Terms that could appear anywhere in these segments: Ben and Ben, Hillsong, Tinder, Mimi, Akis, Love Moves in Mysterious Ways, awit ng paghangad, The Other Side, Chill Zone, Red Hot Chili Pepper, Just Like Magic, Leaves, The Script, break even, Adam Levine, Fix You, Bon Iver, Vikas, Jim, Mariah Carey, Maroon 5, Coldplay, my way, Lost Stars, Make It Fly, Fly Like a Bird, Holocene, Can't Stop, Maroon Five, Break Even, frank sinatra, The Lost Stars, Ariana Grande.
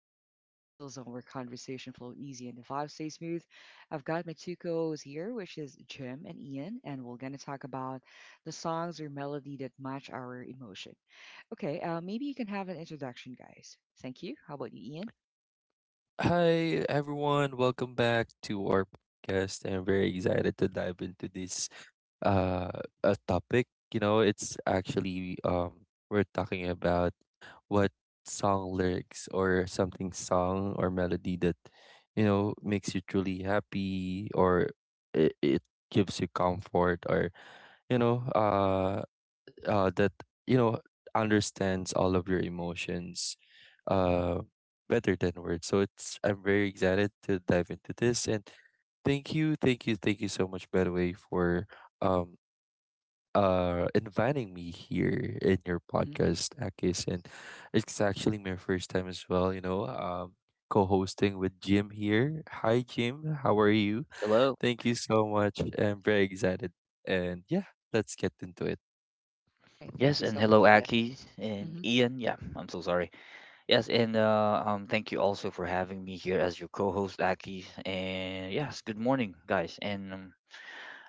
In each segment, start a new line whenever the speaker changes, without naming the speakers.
to our Chill Zone, where conversation flow easy and the vibe stay smooth. I've got my two co-hosts here, which is Jim and Ian, and we're gonna talk about the songs or melody that match our emotion. Okay, maybe you can have an introduction, guys. Thank you. How about you, Ian?
Hi everyone, welcome back to our podcast. I'm very excited to dive into this uh a topic. It's actually we're talking about what song lyrics or something song or melody that makes you truly happy or it gives you comfort or you know that you know understands all of your emotions uh, better than words. So it's I'm very excited to dive into this. And thank you so much, by the way, for um inviting me here in your
Mm-hmm.
podcast, Akis. And it's actually my first time as well, co-hosting with Jim here. Hi Jim, how are you?
Hello.
Thank you so much. I'm very excited. And yeah, let's get into it.
All right. Thank
Yes,
you
and
so much
hello,
for that.
Aki
Hmm.
and Ian. Yeah, I'm so sorry. Yes, and thank you also for having me here as your co-host, Aki. And yes, good morning, guys. And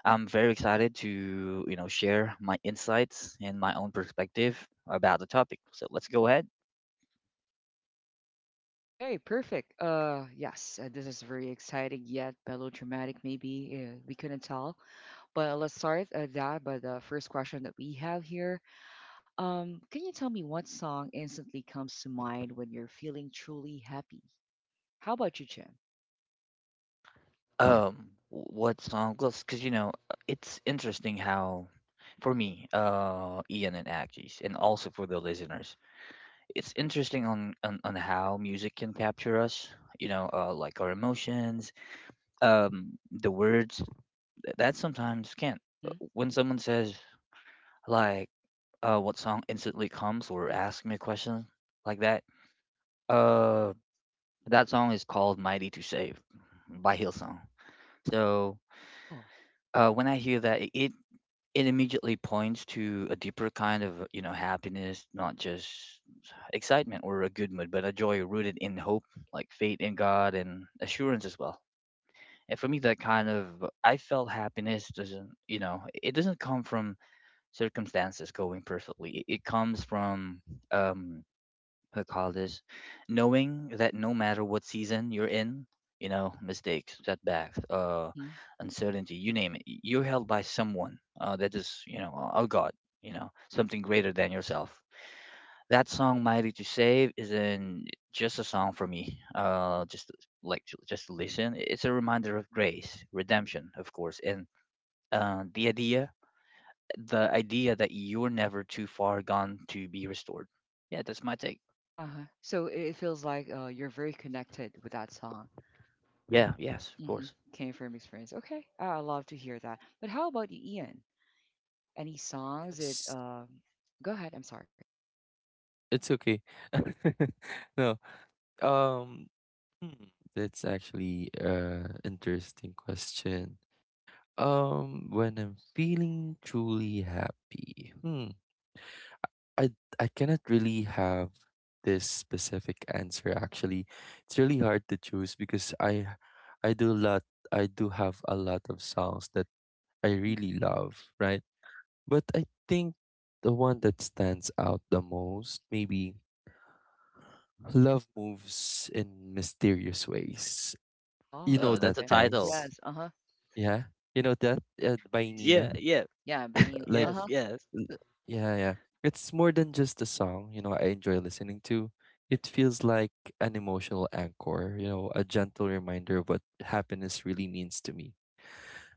I'm very excited to share my insights and my own perspective about the topic. So let's go ahead.
Okay, perfect. Yes, this is very exciting yet melodramatic. Maybe we couldn't tell. But let's start that by the first question that we have here. Can you tell me what song instantly comes to mind when you're feeling truly happy? How about you, Jim?
What song? Because it's interesting how, for me, Ian and Aki's, and also for the listeners, it's interesting on how music can capture us like our emotions the words that sometimes can't.
Hmm.
When someone says like what song instantly comes or asks me a question like that, uh that song is called Mighty to Save by Hillsong. So
Oh.
when I hear that, it immediately points to a deeper kind of happiness, not just excitement or a good mood, but a joy rooted in hope, like faith in God and assurance as well. And for me, that kind of, I felt happiness doesn't, it doesn't come from circumstances going perfectly. It comes from, um I call this, knowing that no matter what season you're in, you know, mistakes, setbacks,
Hmm.
uncertainty, you name it, you're held by someone that is, you know, a God, you know, something greater than yourself. That song, Mighty to Save, isn't just a song for me, just just to listen. It's a reminder of grace, redemption, of course, and uh, the idea the idea that you're never too far gone to be restored. Yeah, that's my take.
Uh-huh. So it feels like you're very connected with that song.
Yeah, yes, of
Hmm.
course.
Came from experience. Okay. I love to hear that. But how about you, Ian? Any songs that
Yes.
Go ahead, I'm sorry.
It's okay. No. Um, hmm, that's actually a interesting question. When I'm feeling truly happy. Hmm. I I cannot really have this specific answer actually. It's really hard to choose because I do a lot I do have a lot of songs that I
Hmm.
really love, right? But I think the one that stands out the most maybe "Love Moves in Mysterious Ways." You
Oh,
know
Oh, that's
that,
a
okay.
title.
guys.
Yes, uh-huh.
Yeah, you know that, by
Yes.
Nina.
Yeah, yeah.
Yeah, by
L-
Nina.
Like,
Yes,
Uh-huh.
yes.
l- yeah, yeah. It's more than just a song. You know, I enjoy listening to. It feels like an emotional anchor. You know, a gentle reminder of what happiness really means to me.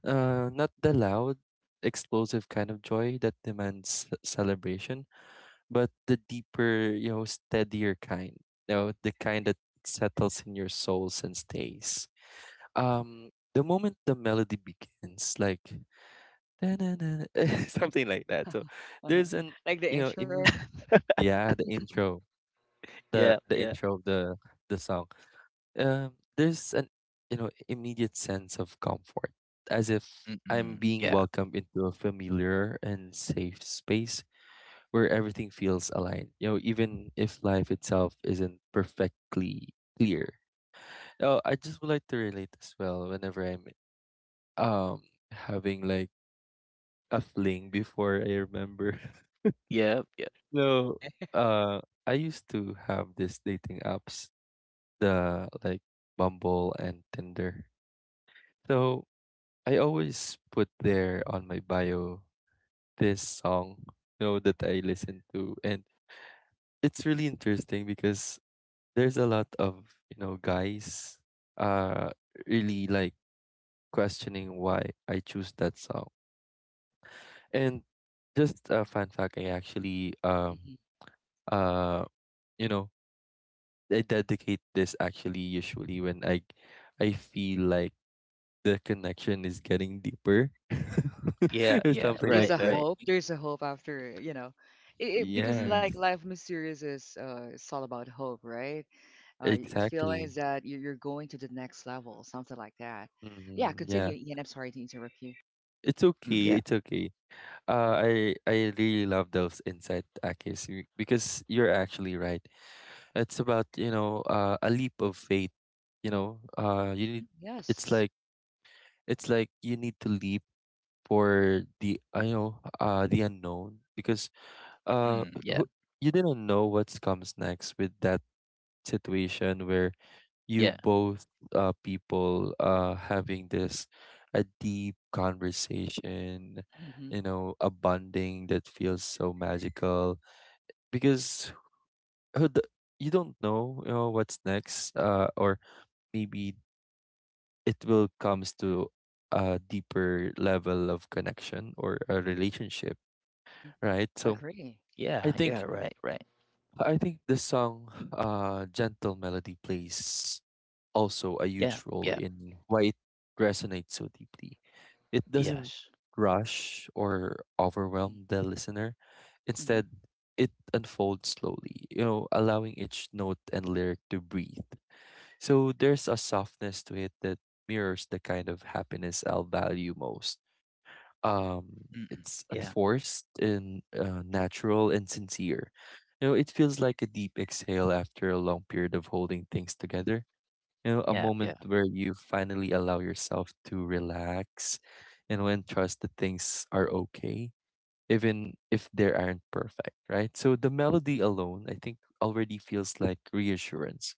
Not the loud, explosive kind of joy that demands celebration, but the deeper, you know, steadier kind. You know, the kind that settles in your souls and stays. The moment the melody begins, like "Da-na-na-na," something like that. So
Uh-huh.
there's an
Like the
you know,
intro.
in, Yeah, the intro,
Yeah,
the
yeah.
intro of the song. There's an immediate sense of comfort, as if I'm
Mm-mm.
being
Yeah.
welcomed into a familiar and safe space where everything feels aligned, you know, even if life itself isn't perfectly clear. Oh, I just would like to relate as well whenever I'm um having like a fling before I remember.
Yeah, yep.
So
Okay.
uh I used to have this dating apps, the like Bumble and Tinder. So I always put there on my bio this song, you know, that I listen to. And it's really interesting because there's a lot of guys uh really like questioning why I choose that song. And just a fun fact, I actually uh you know I dedicate this actually usually when I feel like the connection is getting deeper,
Yeah.
Yeah,
or
yeah.
something
There's
like
Right,
a
that.
right.
hope, after you know because
Yeah,
Mm.
like life mysterious is it's all about hope, right?
exactly.
Feelings that you're going to the next level, something like that. Yeah,
Yeah,
continue, Ian. I'm sorry to interrupt you.
it's
Mm,
okay.
yeah.
It's okay. I I really love those insight, Akis, because you're actually right. It's about, you know, a leap of faith. You know, you need.
Mhm,
It's like
yes.
you need to leap for the the unknown, because uh
Mm, yeah.
who- you didn't know what comes next with that situation where you
Yeah.
both people having this a deep conversation,
Mm-hmm,
you know, a bonding that feels so magical, because who d- you don't know, you know, what's next, or maybe it will comes to a deeper level of connection or a relationship,
mm-hmm.
right? So
Agree.
i
Yeah, yeah,
think
right, right.
I think the song gentle melody plays also a
Yeah,
huge role
yeah.
in why it resonates so deeply. It doesn't
Yes.
rush or
Mm-hmm,
overwhelm the listener. Instead,
mm-hmm.
it unfolds slowly, you know, allowing each note and lyric to breathe. So there's a softness to it that mirrors the kind of happiness I'll value most.
Mm-mm.
It's
Yeah.
unforced and natural and sincere. You know, it feels like a deep exhale after a long period of holding things together, you know, a
Yeah,
moment
yeah.
where you finally allow yourself to relax and when trust that things are okay, even if they aren't perfect, right? So the melody alone, I think, already feels like reassurance.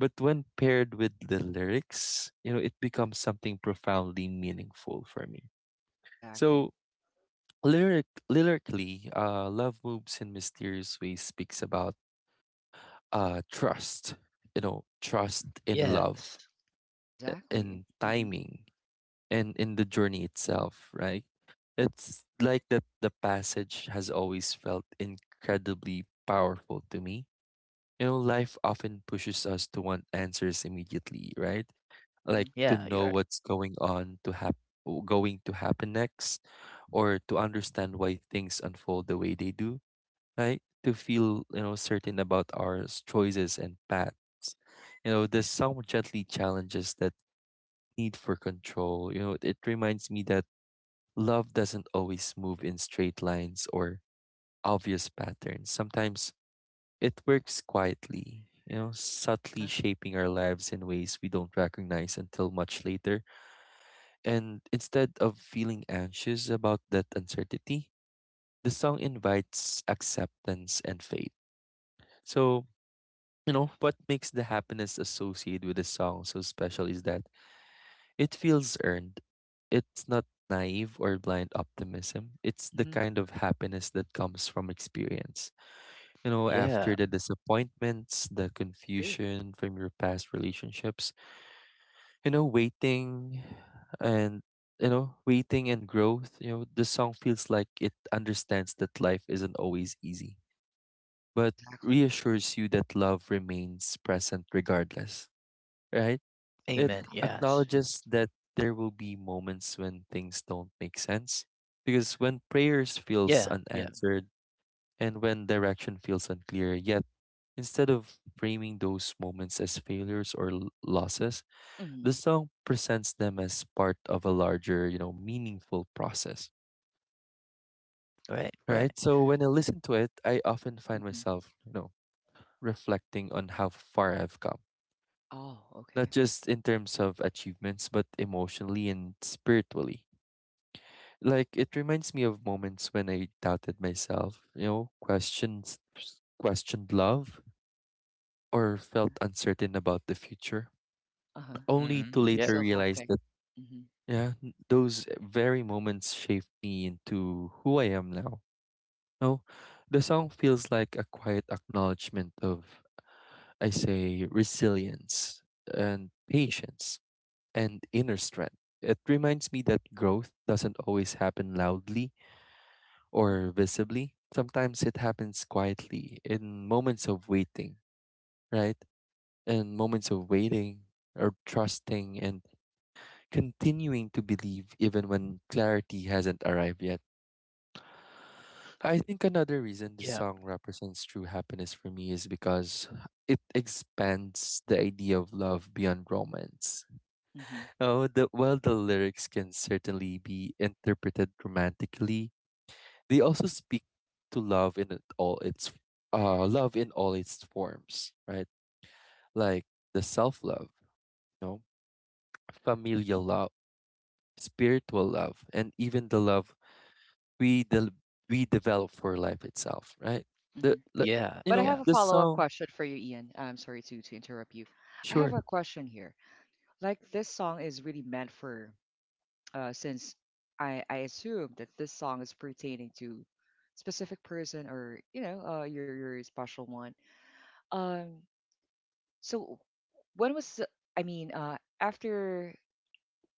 But when paired with the lyrics, you know, it becomes
Uh-huh.
something profoundly meaningful for me. So
Exactly.
lyrically, "Love Moves in Mysterious Ways" speaks about trust, you know, trust in love,
Yes.
in
Exactly. Mm-hmm,
timing, and in the journey itself, right? It's like that the passage has always felt incredibly powerful to me. You know, life often pushes us to want answers immediately, right? Like
mm-hmm.
to
Yeah, you're
know
right.
what's going on, going to happen next, or to understand why things unfold the way they do, right? To feel, you know, certain about our choices and paths. You know, the song gently challenges that need for control. You know, it reminds me that love doesn't always move in straight lines or obvious patterns. Sometimes it works quietly, you know, subtly
Uh-huh.
shaping our lives in ways we don't recognize until much later. And instead of feeling anxious about that uncertainty, the song invites acceptance and faith. So, you know, what makes the happiness associated with the song so special is that it feels earned. It's not naive or blind optimism. It's the
Mm-hmm.
kind of happiness that comes from experience. You know,
Yeah.
after the disappointments, the
Agree.
confusion from your past relationships, you know, waiting and you know, waiting and growth, you know, the song feels like it understands that life isn't always easy, but
Exactly.
reassures you that love remains present regardless, right? It
Amen.
Yeah.
Yes.
acknowledges that there will be moments when things don't make sense, because when prayers feels
Yeah, yeah.
unanswered and when direction feels unclear, yet instead of framing those moments as failures or losses, the
Mm-hmm,
song presents them as part of a larger, you know, meaningful process.
Right, right.
Right? So when I listen to it, I often find
mm-hmm.
myself, you know, reflecting on how far I've come,
Oh,
not
okay.
just in terms of achievements, but emotionally and spiritually. Like it reminds me of moments when I doubted myself, you know, questions questioned love or felt
Uh-huh.
uncertain about the future,
Uh-huh.
only to
Mm-hmm.
But you're
Yeah.
later
still
realize that,
hoping. Hmm.
yeah, those very moments shaped me into who I am now. No, the song feels like a quiet acknowledgement of, I say, resilience and patience and inner strength. It reminds me that growth doesn't always happen loudly
Mhm.
or visibly. Sometimes it happens quietly in moments of waiting, right? In moments of
Great.
waiting or trusting and continuing to believe even when clarity hasn't arrived yet. I think another reason this
Yeah.
song represents true happiness for me is because it expands the idea of love beyond romance.
Mhm,
Oh, while the lyrics can certainly be interpreted romantically, they also
mhm,
speak to love in all its forms, right? Like the self-love, you know, familial love, spiritual love, and even the love we del we develop for life itself, right?
mhm.
The
Yeah,
you
But I
know,
have
yeah.
a
the
follow-up
song,
question for you, Ian. I'm sorry to interrupt you. I have
sure.
a question here. Like this song is really meant for since I assume that this song is pertaining to specific person or you know your special one. Um so when was I mean after,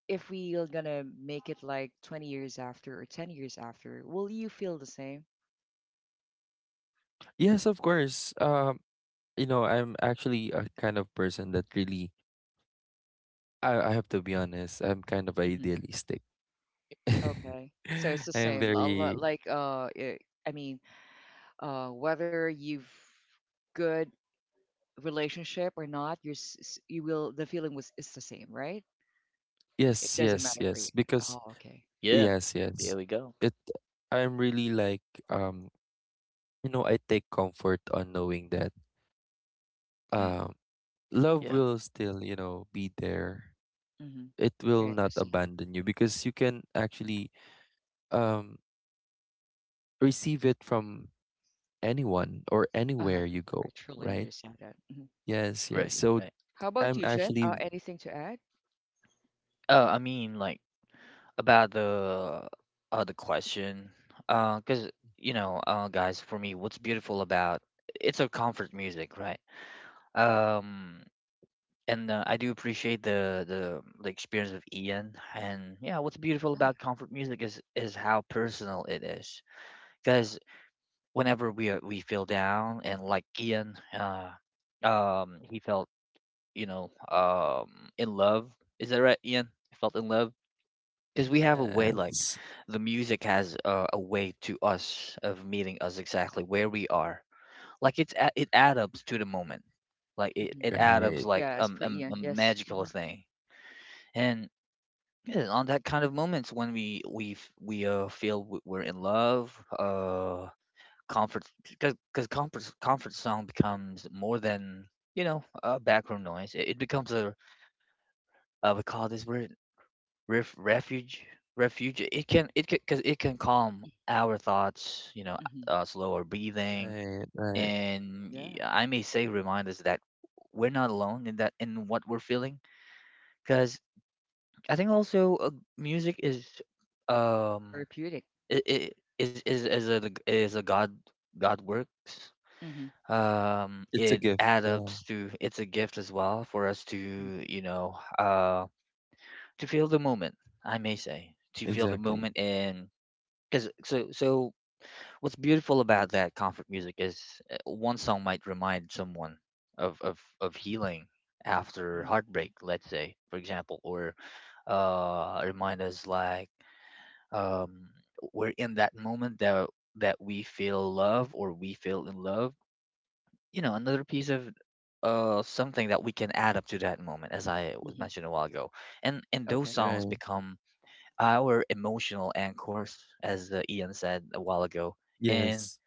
if we are gonna make it like 20 years after or 10 years after, will you feel the same?
Yes, of course. You know, I'm actually a kind of person that really, I have to be honest, I'm kind of idealistic.
Okay. So it's the
I'm
same. A lot
very
like I mean, whether you've good relationship or not, you're you will the feeling was is the same, right? It
yes,
doesn't
yes,
matter for you.
yes. Because
Oh, okay.
Yeah.
yes,
There
yes.
we go.
It I'm really like, um you know, I take comfort on knowing that,
Mm-hmm.
um love
Yeah.
will still, you know, be there.
Mhm.
It will
I
not
understand.
abandon you because you can actually um receive it from anyone or
Uh-huh.
anywhere you
I
go,
truly
right?
understand that. Hmm.
Yes, yes.
Right,
So
right.
How about
I'm
you, Jim?
actually
Anything to add?
Oh, I mean, like about the question because guys, for me, what's beautiful about it's our comfort music, right? um and I do appreciate the experience of Ian. And yeah, what's beautiful
Yeah.
about comfort music is how personal it is, because whenever we are, we feel down, and like Ian, he felt, in love, is that right, Ian? He felt in love because we have a way like
yes.
the music has a way to us of meeting us exactly where we are. Like it adds up to the moment, like it,
Mm-hmm.
it adds up
Right.
like
Yeah, it's pretty
a
Ian. Yes.
magical
Hmm.
thing. And yeah, on that kind of moments when we feel we're in love, comfort, because comfort song becomes more than, background noise. It becomes a, we call this word, refuge. Refuge, it can, because it can calm our thoughts, you know,
Hmm.
slower breathing,
Right, right.
and
Yeah.
I may say remind us that we're not alone in that, in what we're feeling. Because I think also, music is, um
Therapeutic.
it, it is a God. God works,
Hmm.
It's a
it
gift.
adds up
Yeah.
to, it's a gift as well for us to,
Hmm.
you know uh to feel the moment. I may say to feel the
Exactly.
moment. And, 'cause, so so, what's beautiful about that comfort music is, one song might remind someone of healing after
Hmm.
heartbreak, let's say, for example. Or remind us like, um we're in that moment that we feel love or we feel in love. You know, another piece of something that we can add up to that moment, as I was
Hmm.
mentioned a while ago. And those
Okay.
songs
Right.
become our emotional anchors, as Ian said a while ago. And
Yes.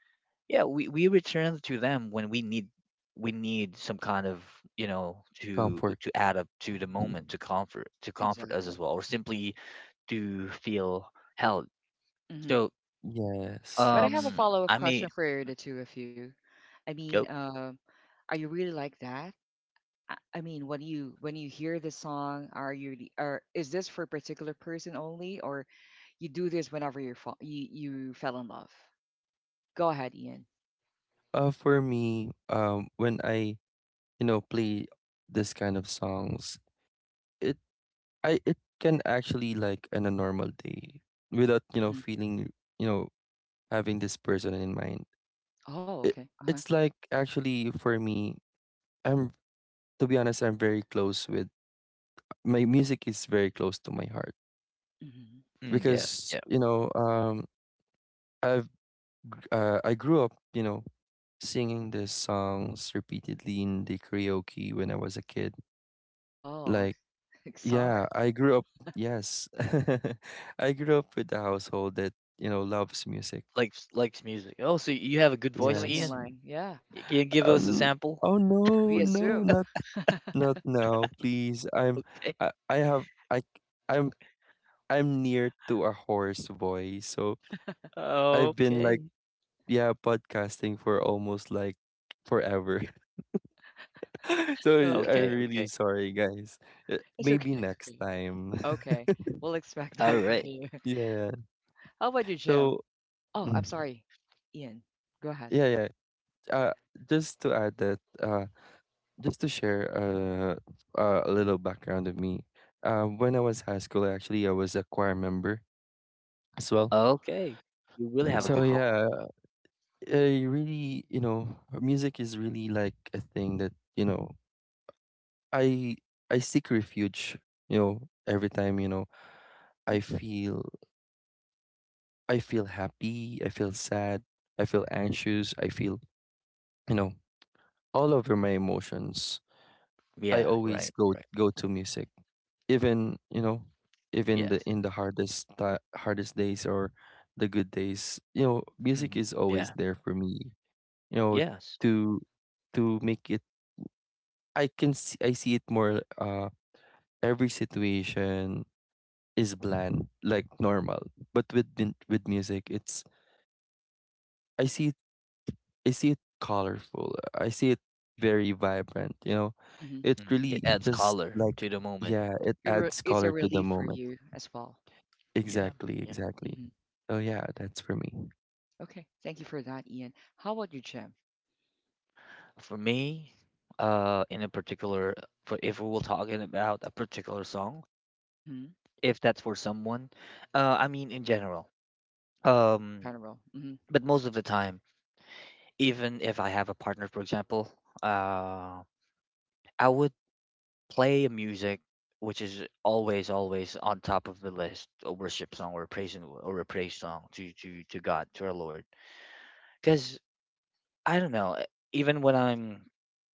yeah, we return to them when we need, we need some kind of, you know, to
Comfort.
add up to the moment, to comfort, to comfort us
Exactly.
as well, or simply to feel held.
Mm-hmm.
So
Yes,
But I have a
yes.
um,
follow up
I may
question for the two of you. I mean,
go.
are you really like that? I mean, when you hear this song, are is this for a particular person only, or you do this whenever you're you fell in love? Go ahead, Ian.
For me, when I play this kind of songs, it I it can actually like on a normal day without, you know,
Hmm.
feeling, you know, having this person in mind.
Oh,
It
okay. Uh huh.
it's like actually for me, I'm to be honest, I'm very close with my music is very close to my heart,
Hmm.
Mm, yeah,
because
yeah.
you know, I've I grew up, you know, singing these songs repeatedly in the karaoke when I was a kid,
Oh.
like.
Like song
Yeah, I grew up, yes. I grew up with a household that, you know, loves music.
Likes music. Oh, so you have a good voice,
musically in
Yes.
Ian.
line. Yeah,
Y- Can you give
Oh,
us a sample?
we
no, no,
assume.
not not now, please. I'm
Okay,
I have I I'm I'm near to a hoarse voice. So I've been like,
okay,
yeah, podcasting for almost like forever. So
Okay,
I'm
okay,
really
okay.
sorry, guys.
it's okay.
Maybe
It's
next
okay.
time.
Okay, we'll expect
All
that from
right,
you.
Yeah.
How about you, Jim?
So
Oh, I'm
mm,
sorry, Ian. Go ahead.
yeah, yeah. uh, just to add that, just to share, a little background of me. When I was high school, actually, I was a choir member as well.
okay. You really have a
So
good voice.
Wow.
yeah, I really, you know, music is really like a thing that, you know, I I seek refuge. You know, every time, you know,
Hmm.
I feel I feel happy, I feel sad, I feel anxious, I feel, you know, all over my emotions. I
Yeah,
always
right,
go
right.
go to music, even you know, even the
Yes.
in the hardest ti hardest days or the good days, you know, music
Mhm.
is always
Yeah.
there for me, you know,
Yes.
to to make it. I can see I see it more, every situation is bland like normal, but with music, it's i see it I see it colorful, I see it very vibrant, you know.
Hmm.
It
Mhm. It
really
adds
just
color
like
to the moment.
yeah, it adds
It's a
color to the
relief for
moment.
you as well.
Yeah.
Exactly,
Yeah.
exactly.
Hmm.
So yeah, that's for me.
Okay. Thank you for that, Ian. How about you, Jim?
For me, in a particular, for if we were talking about a particular song,
Mm-hmm.
if that's for someone, I mean in general. Um,
General. Hmm.
but most of the time, even if I have a partner, for example, uh, I would play a music which is always, always on top of the list, a worship song or or a praise song to to God, to our Lord. 'Cause I don't know, even when I'm,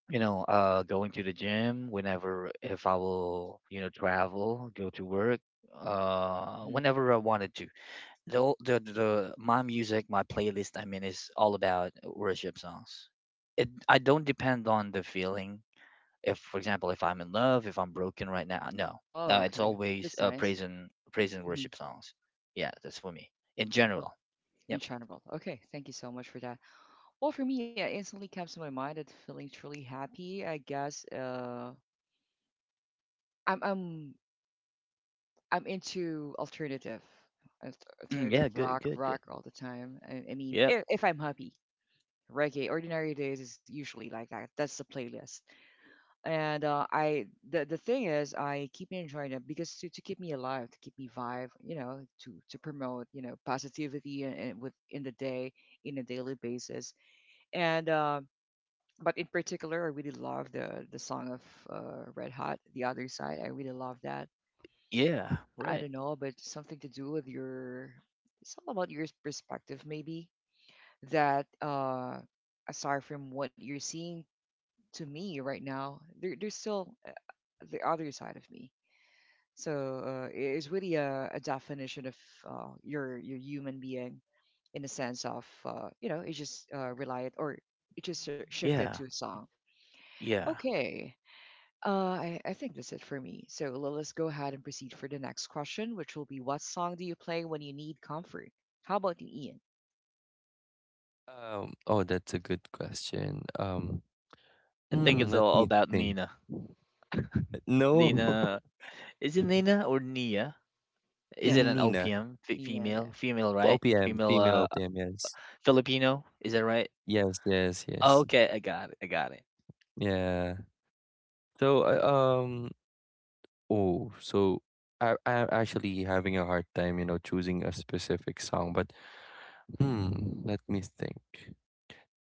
you know, going to the gym, whenever if I will, you know, travel, go to work,
Hmm.
whenever I wanted to, the o- the the my music, my playlist, I mean, is all about worship songs. It, I don't depend on the feeling. If, for example, if I'm in love, if I'm broken right now, no,
Oh,
it's
okay.
always
That's nice.
praise and
Hmm.
worship songs. Yeah, that's for me in
Oh,
general. Yep.
enchantable. Okay. Thank you so much for that. Well, for me, it instantly comes to my mind that feeling truly happy. I guess I'm I'm I'm into alternative, alt-
Mm, yeah.
alternative
Good.
rock,
Good. Good.
all the time. I mean,
Yep.
if I'm happy, reggae, ordinary days is usually like that. That's the playlist. And I the thing is I keep enjoying it because to keep me alive, to keep me vibe, you know, to promote you know positivity and with in the day in a daily basis. And but in particular, I really love the song of Red Hot, The Other Side. I really love that.
Yeah.
I
Right.
don't know, but something to do with your it's all about your perspective maybe that aside from what you're seeing to me right now, there's still the other side of me. So it's really a definition of your human being in the sense of you know it just relied or it just sort shifted to
Yeah,
a song.
yeah.
Okay, I think that's it for me. So let's go ahead and proceed for the next question, which will be what song do you play when you need comfort? How about you, Ian?
Oh, that's a good question.
I think it's
Let
all
me
about
think.
Nina.
No,
Nina, is it Nina or Nia? Is
Nina,
it an
Nina,
OPM
Nina,
female?
yeah.
Female, right?
OPM,
Female,
Mhm.
female OPM. Yes,
Filipino. Is that right?
yes, yes,
Oh,
yes.
okay, I got it. I got it.
Yeah. So, uh, um, oh, so I'm actually having a hard time, you know, choosing a specific song. But let me think.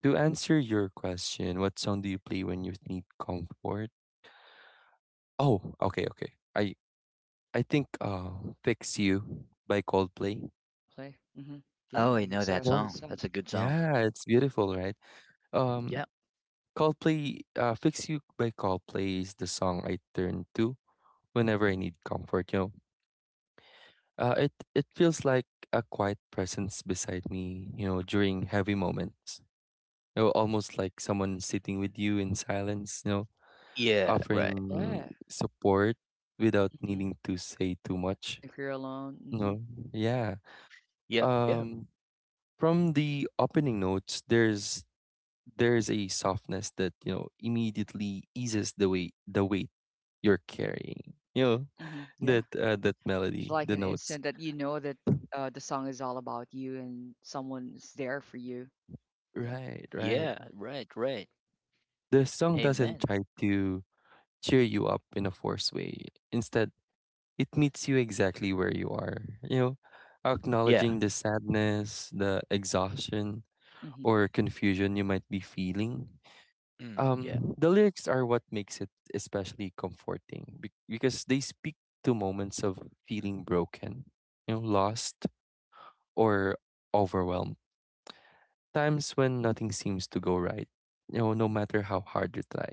To answer your question, what song do you play when you need comfort? Oh, okay, okay. I think, "Fix You" by Coldplay.
Coldplay. Hmm. Yeah,
Oh, I know
it's
that
a
No,
good
song.
song.
That's a good song.
yeah, it's beautiful, right? Um,
Yep.
Coldplay, "Fix You" by Coldplay is the song I turn to whenever I need comfort, you know? It feels like a quiet presence beside me, you know, during heavy moments. You know, almost like someone sitting with you in silence, you know,
Yeah. Right.
offering
Yeah.
support without
Hmm.
needing to say too much.
Even if you're alone.
No, yeah.
Yep. Yep.
Um From the opening notes, there's a softness that you know immediately eases the weight you're carrying. You know,
Hmm. Hmm. Yeah.
that that melody,
Like
the
an
notes.
instant that you know that the song is all about you and someone's there for you. Yeah.
Right, right.
Yeah. Right. Right.
The song doesn't
Amen.
try to cheer you up in a forced way. Instead, it meets you exactly where you are. You know,
Yeah.
acknowledging the sadness, the exhaustion,
Mhm.
or confusion you might be feeling.
Mm, yeah.
The lyrics are what makes it especially comforting because they speak to moments of feeling broken, you know, lost or overwhelmed, times when nothing seems to go right, you know, no matter how hard you try.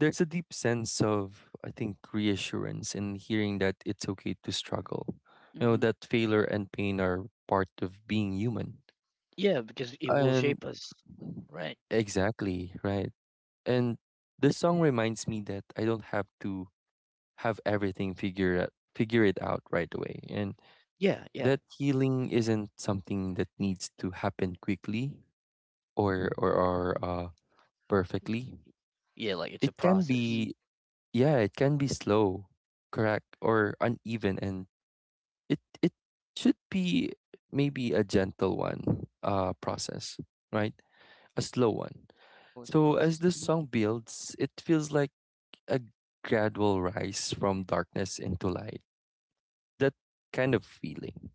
There's a deep sense of I think reassurance in hearing that it's okay to struggle, you know,
Mhm.
that failure and pain are part of being human.
Yeah. Because it will
And
shape us. Right.
exactly right. And this song reminds me that I don't have to have everything figure out, figure it out right away, and
Yeah. Yeah.
that healing isn't something that needs to happen quickly or perfectly.
Yeah. Like it's a
It can
process.
Mhm.
be yeah, it can be slow, correct, or uneven, and it should be maybe a gentle one process, right? A slow one.
So it's a
So as
process.
this
Mhm.
song builds, it feels like a gradual rise from darkness into light. That kind of feeling.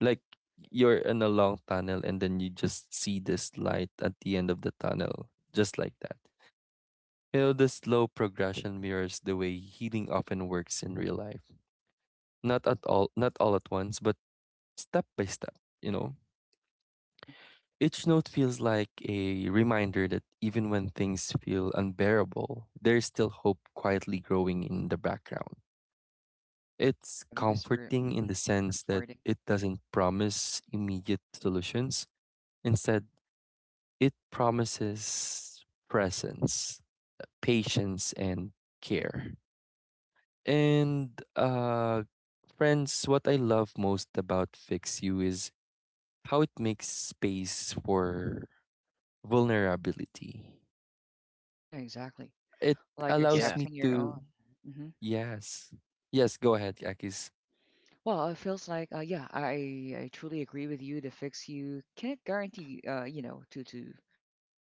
Like you're in a long tunnel and then you just see this light at the end of the tunnel, just like that. You know, the slow progression mirrors the way healing often works in real life. Not all at once, but step by step, you know.
Mhm.
Each note feels like a reminder that even when things feel unbearable, there's still hope quietly growing in the background. It's
Yeah, because we're
comforting in the sense that
comforting.
it doesn't promise immediate solutions. Instead, it promises presence, patience, and care. And uh, Friends, what I love most about Fix You is how it makes space for vulnerability.
Yeah, exactly.
It
Like
allows
Yeah.
me
accepting your
to,
own. Hmm.
yes, yes, go ahead, Akis.
Well, it feels like yeah, I truly agree with you. The fix you can't guarantee you know to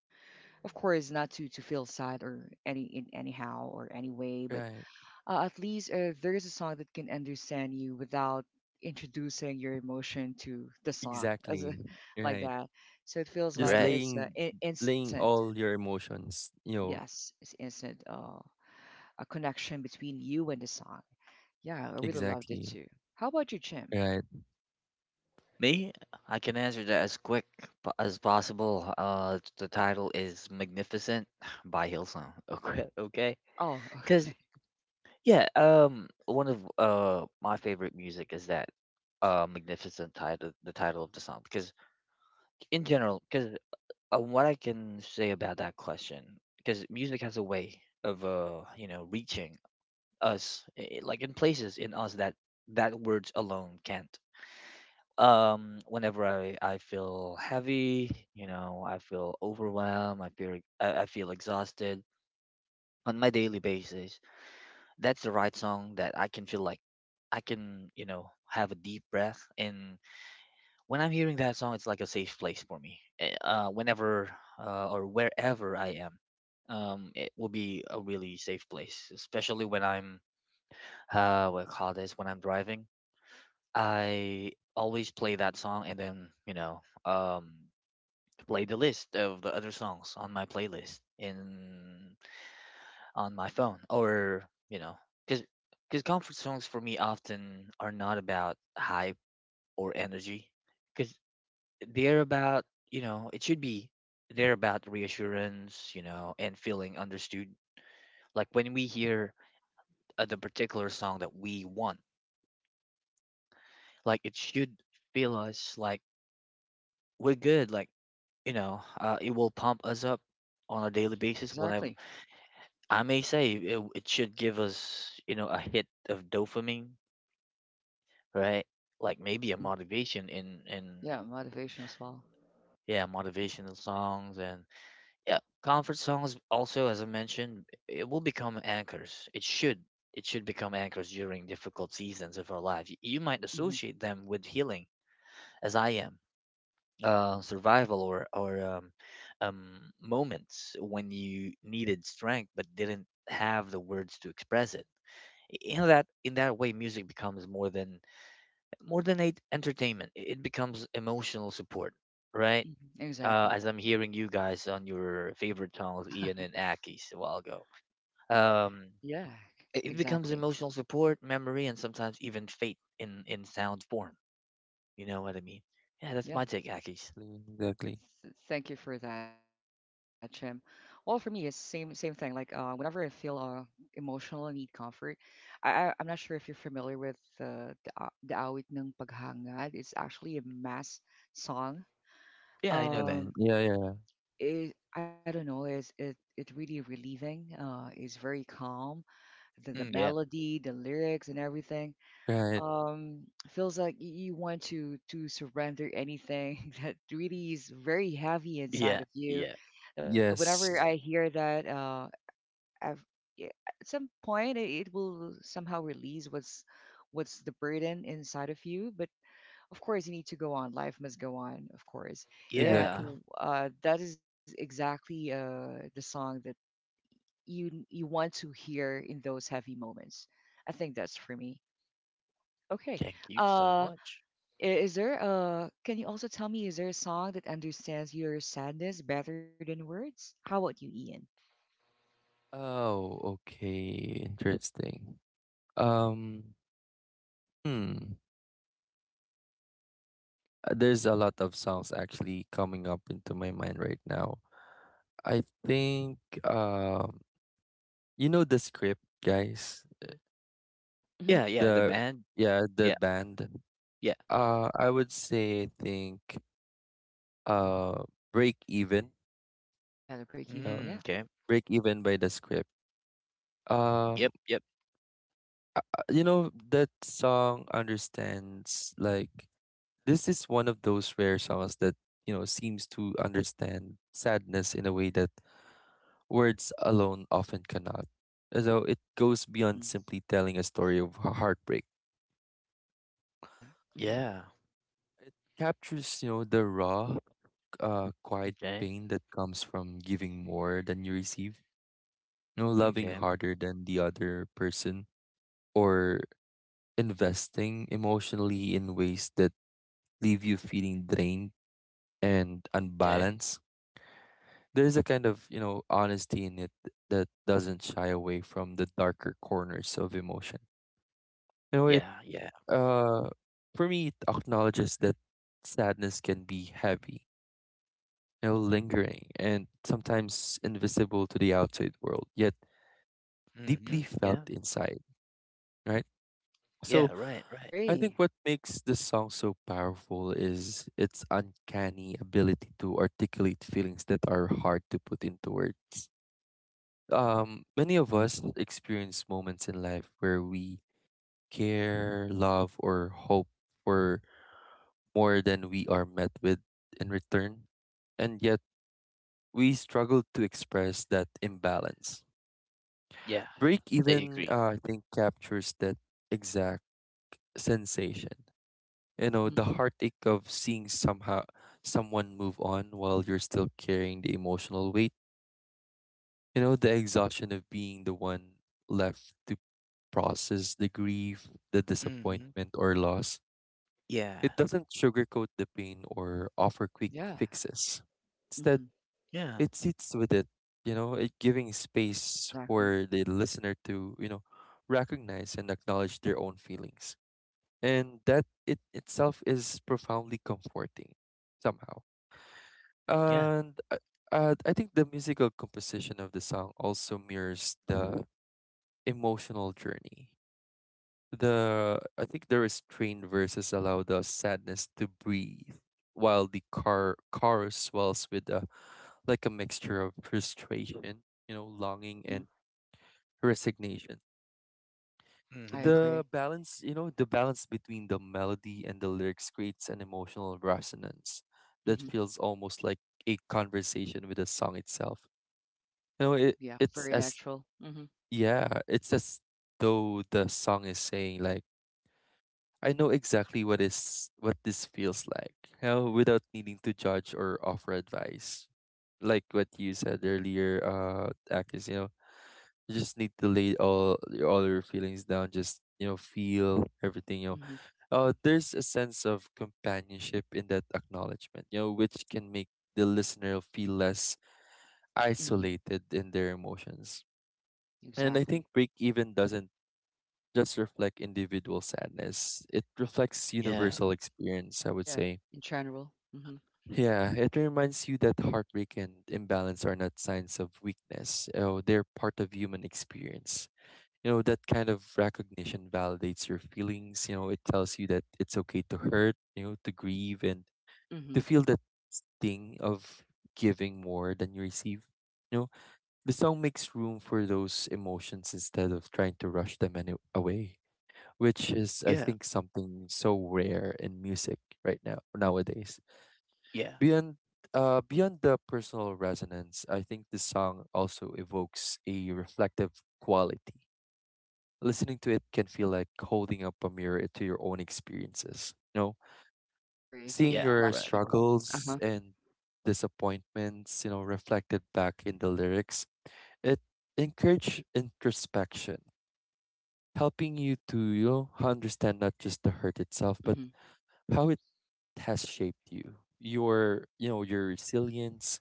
of course not to feel sad or any in anyhow or any way, but
Right,
at least there is a song that can understand you without introducing your emotion to the song as
exactly.
like
Right.
that, so it feels
Just
like
Right.
it's instant.
laying all your emotions, you know,
Yes, it's instant, a connection between you and the song. Yeah, I really loved it
exactly.
too. How about you, Jim?
Right.
Me, I can answer that as quick as possible. The title is "Magnificent" by Hillsong. Okay, okay,
Oh.
because
Okay.
yeah, one of my favorite music is that "Magnificent" title, the title of the song, because in general, because what I can say about that question, because music has a way of you know reaching us, like in places in us that words alone can't. Whenever I feel heavy, you know, I feel overwhelmed, I feel, I feel exhausted on my daily basis, that's the right song that I can feel like I can, you know, have a deep breath. And when I'm hearing that song, it's like a safe place for me, whenever or wherever I am, it will be a really safe place, especially when I'm, what I call this, when I'm driving, I always play that song and then, you know, um play the list of the other songs on my playlist in, on my phone or, you know, because because comfort songs for me often are not about hype or energy, because they're about, you know, it should be, they're about reassurance, you know, and feeling understood. Like
Mhm.
when we hear the particular song that we want, like it should feel us like we're good, like, you know, it will pump us up on a daily basis whenever.
Exactly.
I may say it should give us, you know, a hit of dopamine, right? Like maybe a
Hmm.
motivation in
Yeah, motivation as well.
yeah, motivational songs. And yeah, comfort songs also, as I mentioned, it will become anchors. It should become anchors during difficult seasons of our life. Y- You might
Hmm.
associate them with healing, as I am, survival or moments when you needed strength but didn't have the words to express it. In that way, music becomes more than, more than a entertainment, it becomes emotional support, right?
Hmm. Exactly.
As I'm hearing you guys on your favorite channels, Ian and Aki's a while ago, um,
Yeah,
it, it
exactly.
becomes emotional support, memory, and sometimes even fate in sound form. You know what I mean. Yeah, that's
Yeah.
my take, Aki's.
Exactly.
Thank you for that, Jim. Well, for me, it's same thing. Like whenever I feel emotional and need comfort, I'm not sure if you're familiar with the the awit ng paghangad. It's actually a mass song.
Yeah, I know that.
Um,
Yeah, yeah.
I don't know. Is it really relieving? It's very calm. The
Mm, yeah,
melody, the lyrics, and everything.
Right.
Feels like you want to surrender anything that really is very heavy inside
yeah.
of you.
Yeah,
Whenever
Yes.
I hear that, I've, i- at some point it will somehow release what's the burden inside of you. But of course, you need to go on. Life must go on, of course. And
yeah.
Exactly.
that is exactly the song that you want to hear in those heavy moments. I think that's for me. Okay.
Thank you so
Uh,
much.
Is there can you also tell me, is there a song that understands your sadness better than words? How about you, Ian?
Oh, okay. Interesting. Um, hmm. There's a lot of songs actually coming up into my mind right now. I think um you know the script, guys.
Yeah. Hmm.
Yeah, yeah, the
The
band.
Yeah, the
Yeah,
band.
yeah.
I would say I think uh Break Even.
Yeah, the break even. Yeah.
No,
Mm, okay.
break even by the script. Um,
Yep, yep.
you know that song understands. Like this is one of those rare songs that you know seems to understand sadness in a way that words alone often cannot. Though it goes beyond
Hmm.
simply telling a story of heartbreak.
Yeah. Hmm.
Yeah.
It captures you know the raw, quiet
Okay.
pain that comes from giving more than you receive. You know, loving
Okay.
harder than the other person or investing emotionally in ways that leave you feeling drained and
Okay.
unbalanced. There's a kind of, you know, honesty in it that doesn't shy away from the darker corners of emotion. You know,
Hmm.
it
Yeah. Yeah.
uh for me it acknowledges that sadness can be heavy, you know, lingering and sometimes invisible to the outside world, yet deeply
Hmm.
felt
Yeah.
inside, right? So
Yeah. Right. Right.
I think
Agree.
what makes this song so powerful is its uncanny ability to articulate feelings that are hard to put into words. Many of us experience moments in life where we care, love, or hope for more than we are met with in return, and yet we struggle to express that imbalance.
Yeah.
Break
I
even,
agree.
I think, captures that exact sensation, you know,
Hmm.
the heartache of seeing somehow someone move on while you're still carrying the emotional weight, you know, the exhaustion of being the one left to process the grief, the
Hmm.
disappointment or loss.
Yeah.
It doesn't sugarcoat the pain or offer quick
Yeah.
fixes. Instead,
Hmm.
Yeah.
it sits with it, you know, it giving space
Exactly.
for the listener to you know recognize and acknowledge their own feelings, and that it itself is profoundly comforting somehow.
Yeah.
And I think the musical composition of the song also mirrors the emotional journey. The I think the restrained verses allow the sadness to breathe, while the car chorus swells with a like a mixture of frustration, you know, longing
Mm-hmm.
and resignation.
I
Hmm.
agree.
The balance, you know, the balance between the melody and the lyrics creates an emotional resonance that
Hmm.
feels almost like a conversation with the song itself. No,
Yeah,
it
very
it's as
natural. Hmm.
yeah, it's as though the song is saying like I know exactly what is what this feels like. You know, without needing to judge or offer advice. Like what you said earlier, Akis, you know, you just need to lay all your feelings down, just you know, feel everything, you know.
Hmm.
There's a sense of companionship in that acknowledgement, you know, which can make the listener feel less
Hmm.
isolated in their emotions. And I
Exactly.
think break even doesn't just reflect individual sadness. It reflects
Yeah.
universal experience, I would
Yeah,
say.
in general. Hmm.
Yeah, it reminds you that heartbreak and imbalance are not signs of weakness. Oh, they're part of human experience. You know, that kind of recognition validates your feelings. You know, it tells you that it's okay to hurt, you know, to grieve and
Hmm.
to feel that sting of giving more than you receive. You know, the song makes room for those emotions instead of trying to rush away, which is I
Yeah.
think something so rare in music right now nowadays.
Yeah.
Beyond Beyond the personal resonance, I think the song also evokes a reflective quality. Listening to it can feel like holding up a mirror to your own experiences. You know,
I agree. It's a
seeing
Yeah.
your
Right.
reflection.
Right.
Uh huh.
struggles and disappointments, you know, reflected back in the lyrics, it encourage introspection, helping you to you
Hmm.
know understand not just the hurt itself, but how it has shaped you? Your, you know, your resilience,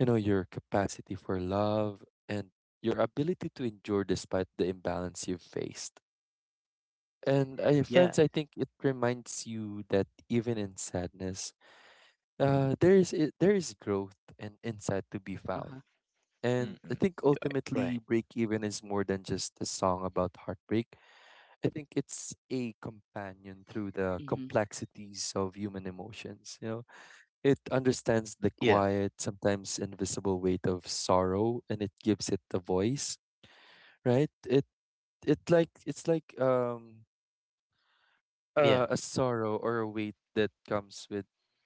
you know, your capacity for love and your ability to endure despite the imbalance you've faced. And I,
Yeah.
friends, I think it reminds you that even in sadness, there is growth and insight
Uh
to
huh.
be found. And I
Mm-mm.
think
Right.
ultimately,
Right.
break even is more than just a song about heartbreak. I think it's a companion through
Hmm.
the complexities of human emotions. You know, it understands the
Yeah.
quiet, sometimes invisible weight of sorrow, and it gives it a voice, right? It's like
Yeah.
a sorrow or a weight that comes with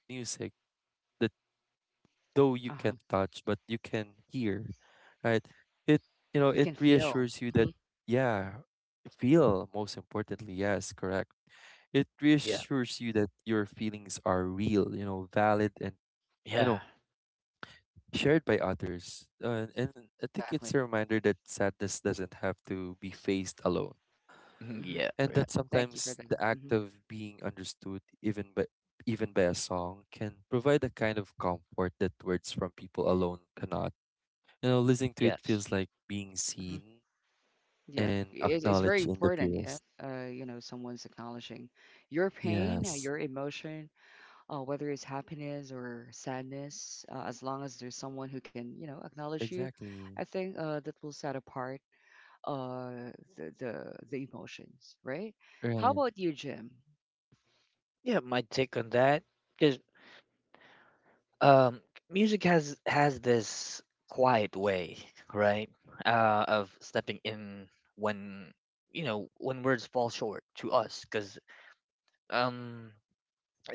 music that
Uh
though
huh.
you can't touch but you can hear, right? It
You
You
can
know it
feel.
reassures
Hmm.
you that yeah, feel most importantly yes, correct it
Yeah.
reassures you that your feelings are real, you know, valid and you
Yeah.
know shared by others. And I think
Exactly.
it's a reminder that sadness doesn't have to be faced alone,
Hmm.
Yeah.
and
Right.
that
Thank you for that.
sometimes the
Hmm.
act of being understood, even by even by a song, can provide a kind of comfort that words from people alone cannot. You know, listening to
Yeah.
it feels like being
Hmm.
seen
Yeah,
and
it's very
acknowledged in the
important. Yeah,
purest.
you know, someone's acknowledging your pain,
Yes,
your emotion, whether it's happiness or sadness, as long as there's someone who can, you know, acknowledge you,
exactly.
I think that will set apart the emotions, right? How
Right.
about you, Jim?
Yeah. My take on that, 'cause um music has this quiet way, right, of stepping in when, when words fall short to us. Because um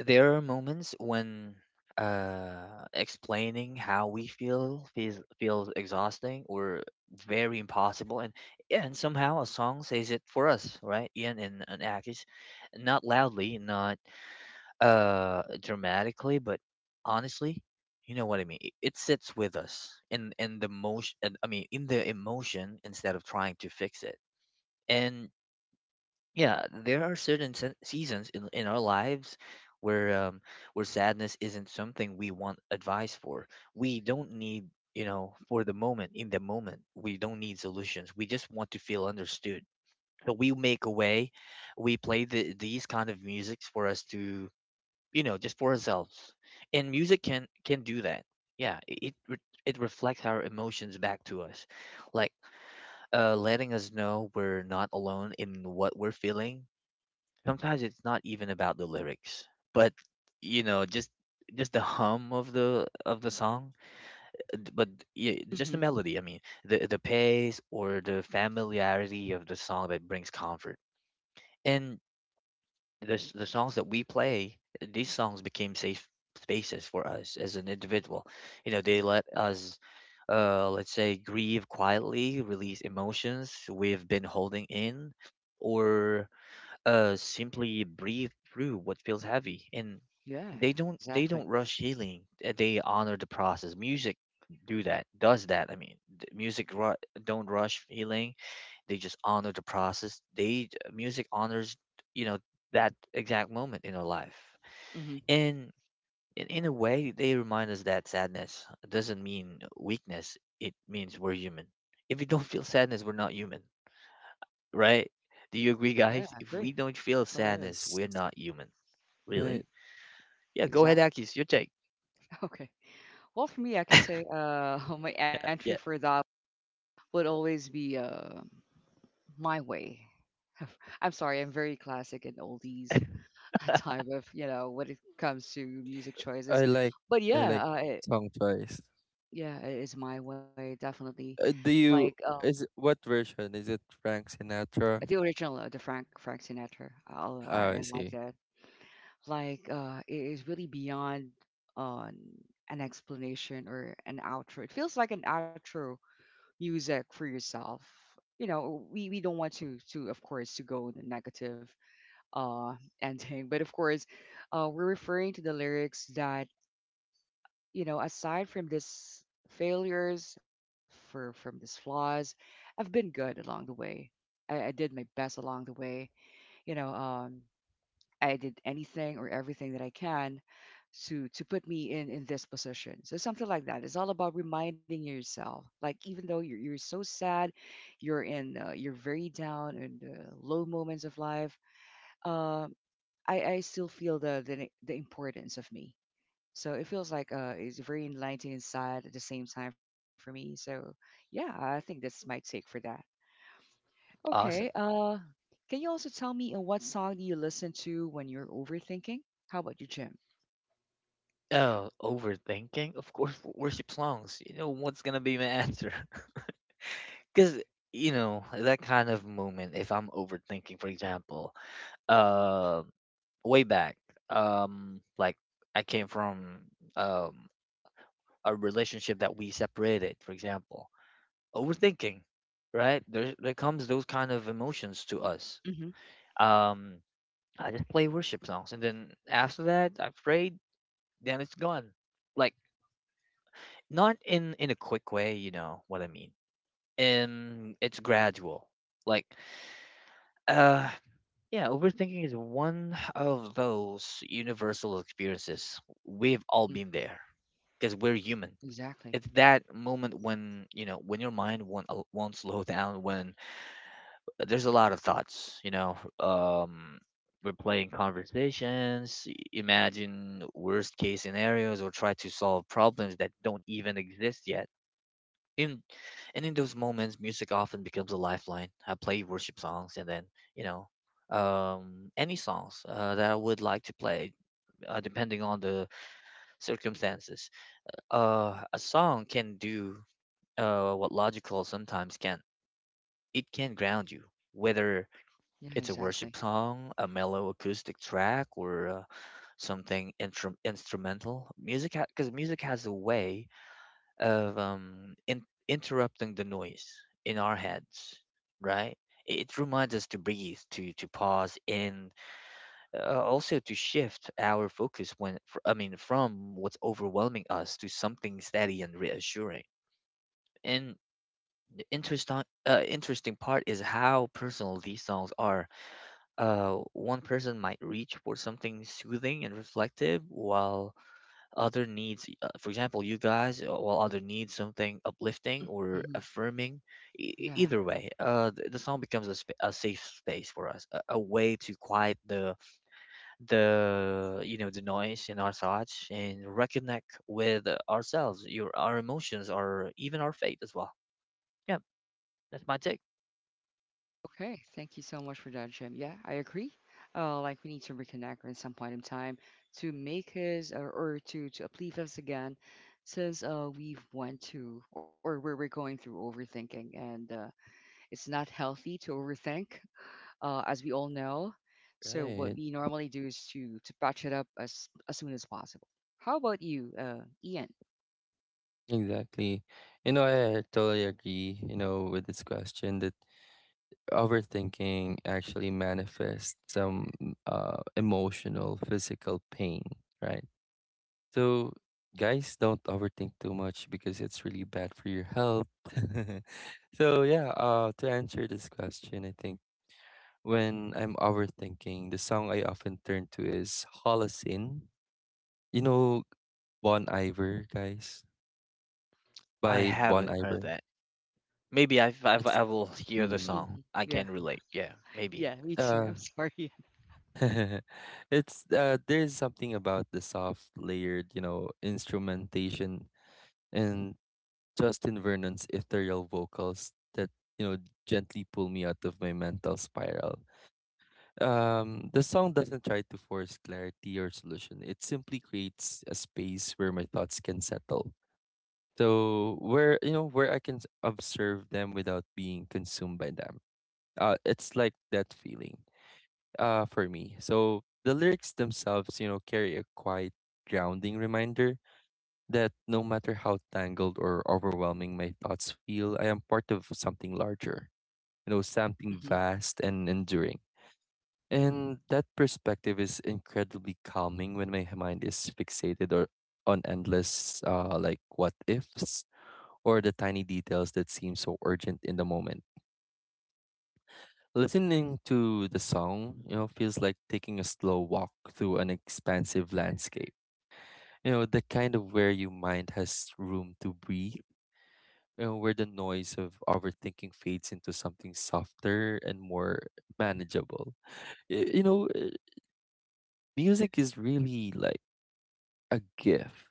there are moments when explaining how we feels exhausting or very impossible. And yeah, and somehow a song says it for us, right, Ian and Akis. Not loudly, not dramatically, but honestly, you know what I mean. It sits with us in the motion and I mean in the emotion, instead of trying to fix it. And yeah, there are certain seasons in our lives where, where sadness isn't something we want advice for. We don't need, for the moment, in the moment, we don't need solutions, we just want to feel understood. So we make a way. We play these kind of musics for us to, just for ourselves. And music can do that. yeah i- it re- it reflects our emotions back to us, like letting us know we're not alone in what we're feeling. Sometimes it's not even about the lyrics, but, you know just just the hum of the song. Uh, d- but yeah,
Hmm.
just the melody I mean the pace or the familiarity of the song that brings comfort. And the songs that we play, these songs became safe spaces for us as an individual. You know, they let us, let's say, grieve quietly, release emotions we've been holding in, or simply breathe through what feels heavy. And
Yeah,
they don't they
exactly.
don't rush healing. They honor the process. Music do that does that. I mean, don't rush healing. They just honor the process. They Music honors, you know, that exact moment in our life.
Hmm.
And in a way, they remind us that sadness doesn't mean weakness, it means we're human. If we don't feel sadness, we're not human, right? Do you agree,
Yeah, I
guys? If
agree.
we don't feel
Totally.
sadness,
Yes.
we're not human.
Hmm.
Really.
Right.
Yeah, go ahead,
Exactly.
Akis, your take.
Okay. Well, for me, I can say my
Yeah,
entry for
yeah.
that would always be my way. I'm sorry, I'm very classic and oldies. Type of you know when it comes to music choices.
I like
But
I
yeah,
like song choice.
yeah, it is my way definitely.
Do
Like
you Is it what version? Is it Frank
the
Sinatra?
original the Frank Sinatra.
Oh, I
I like
see.
that. Like it is really beyond uh, an explanation or an outro. It feels like an outro music for yourself. You know, we don't want to of course to go the negative uh ending, but of course we're referring to the lyrics that you know, aside from these failures, for from these flaws, I've been good along the way. I did my best along the way. You know, I did anything or everything that I can to put me in this position. So something like that. It's all about reminding yourself, like even though you're so sad, you're very down and low moments of life. Um, I still feel the the importance of me, so it feels like it's very enlightening and sad at the same time for me. So yeah, I think that's my take for that. Okay.
Awesome.
Can you also tell me what song do you listen to when you're overthinking? How about you, Jim?
Oh, overthinking? Of course, worship songs. You know what's gonna be my answer? Because, you know, that kind of moment. If I'm overthinking, for example, uh, way back, like, I came from um a relationship that we separated. For example, overthinking, right? There comes those kind of emotions to us.
Mm-hmm.
Um, I just play worship songs, and then after that, I prayed. Then it's gone. Like, not in a quick way, you know what I mean. And it's gradual. Like, uh yeah, overthinking is one of those universal experiences. We've all
Mm.
been there because we're human.
Exactly.
It's that moment when, you know, when your mind won't slow down, when there's a lot of thoughts, you know. We're playing conversations, imagine worst case scenarios, or try to solve problems that don't even exist yet. In and in those moments, music often becomes a lifeline. I play worship songs, and then, you know any songs that I would like to play, depending on the circumstances. A song can do what logical sometimes can. It can ground you, whether
Yeah,
it's a worship
exactly.
song, a mellow acoustic track, or something intrum instrumental music. Because music has a way of, interrupting the noise in our heads, right? It reminds us to breathe, to pause, and also to shift our focus I mean from what's overwhelming us to something steady and reassuring. And the interesting, interesting part is how personal these songs are. One person might reach for something soothing and reflective, while other needs, for example you guys, while other needs something uplifting
Hmm.
or affirming.
Yeah.
Either way, the song becomes a, a safe space for us, a way to quiet the you know, the noise in our thoughts, and reconnect with ourselves, your our emotions, or even our faith as well. Yeah, that's my take.
Okay. Thank you so much for that, Jim. Yeah, I agree. Like we need to reconnect at some point in time to make us or to uplift us again, since we've went to or where we're going through overthinking and it's not healthy to overthink, as we all know. So what
Right.
we normally do is to patch it up as soon as possible. How about you, Ian?
Exactly. You know, I totally agree, you know, with this question that overthinking actually manifests some emotional, physical pain, right? So guys, don't overthink too much because it's really bad for your health. So yeah, to answer this question, I think when I'm overthinking, the song I often turn to is Holocene. You know Bon Iver, guys?
I
By Bon
haven't heard
Iver.
that. Maybe
It's
I will hear the
Hmm.
song.
mm,
I
Yeah,
can relate, yeah,
yeah,
maybe.
me too. I'm
uh
sorry.
it's There's something about the soft layered, you know, instrumentation and Justin Vernon's ethereal vocals that, you know, gently pull me out of my mental spiral. The song doesn't try to force clarity or solution. It simply creates a space where my thoughts can settle. So where you know where I can observe them without being consumed by them. It's like that feeling. For me. So the lyrics themselves, you know, carry a quiet grounding reminder that no matter how tangled or overwhelming my thoughts feel, I am part of something larger. You know, something
Hmm.
vast and enduring. And that perspective is incredibly calming when my mind is fixated or on endless like what ifs or the tiny details that seem so urgent in the moment. Listening to the song, you know, feels like taking a slow walk through an expansive landscape. You know, the kind of where your mind has room to breathe, you know, where the noise of overthinking fades into something softer and more manageable. Y- You know, uh, Music is really like a gift,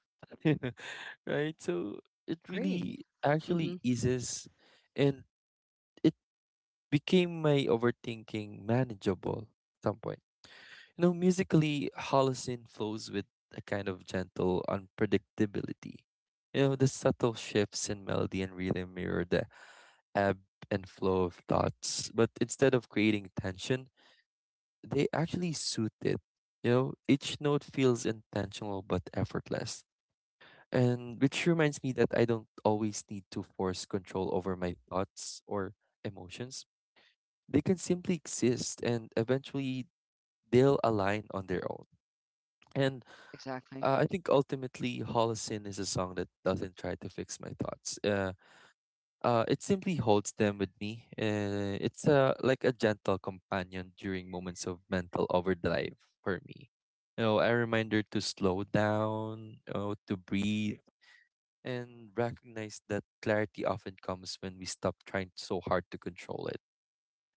right? So it
Agree.
really
Hmm.
actually eases and it became my overthinking manageable at some point. You know, musically, Holocene flows with a kind of gentle unpredictability. You know, the subtle shifts in melody and rhythm mirror the ebb and flow of thoughts, but instead of creating tension, they actually suit it. You know, each note feels intentional but effortless. And which reminds me that I don't always need to force control over my thoughts or emotions. They can simply exist and eventually they'll align on their own. And
Exactly.
I think ultimately, Holocene is a song that doesn't try to fix my thoughts. It simply holds them with me. It's like a gentle companion during moments of mental overdrive for me. You know, a reminder to slow down, you know, to breathe and recognize that clarity often comes when we stop trying so hard to control it,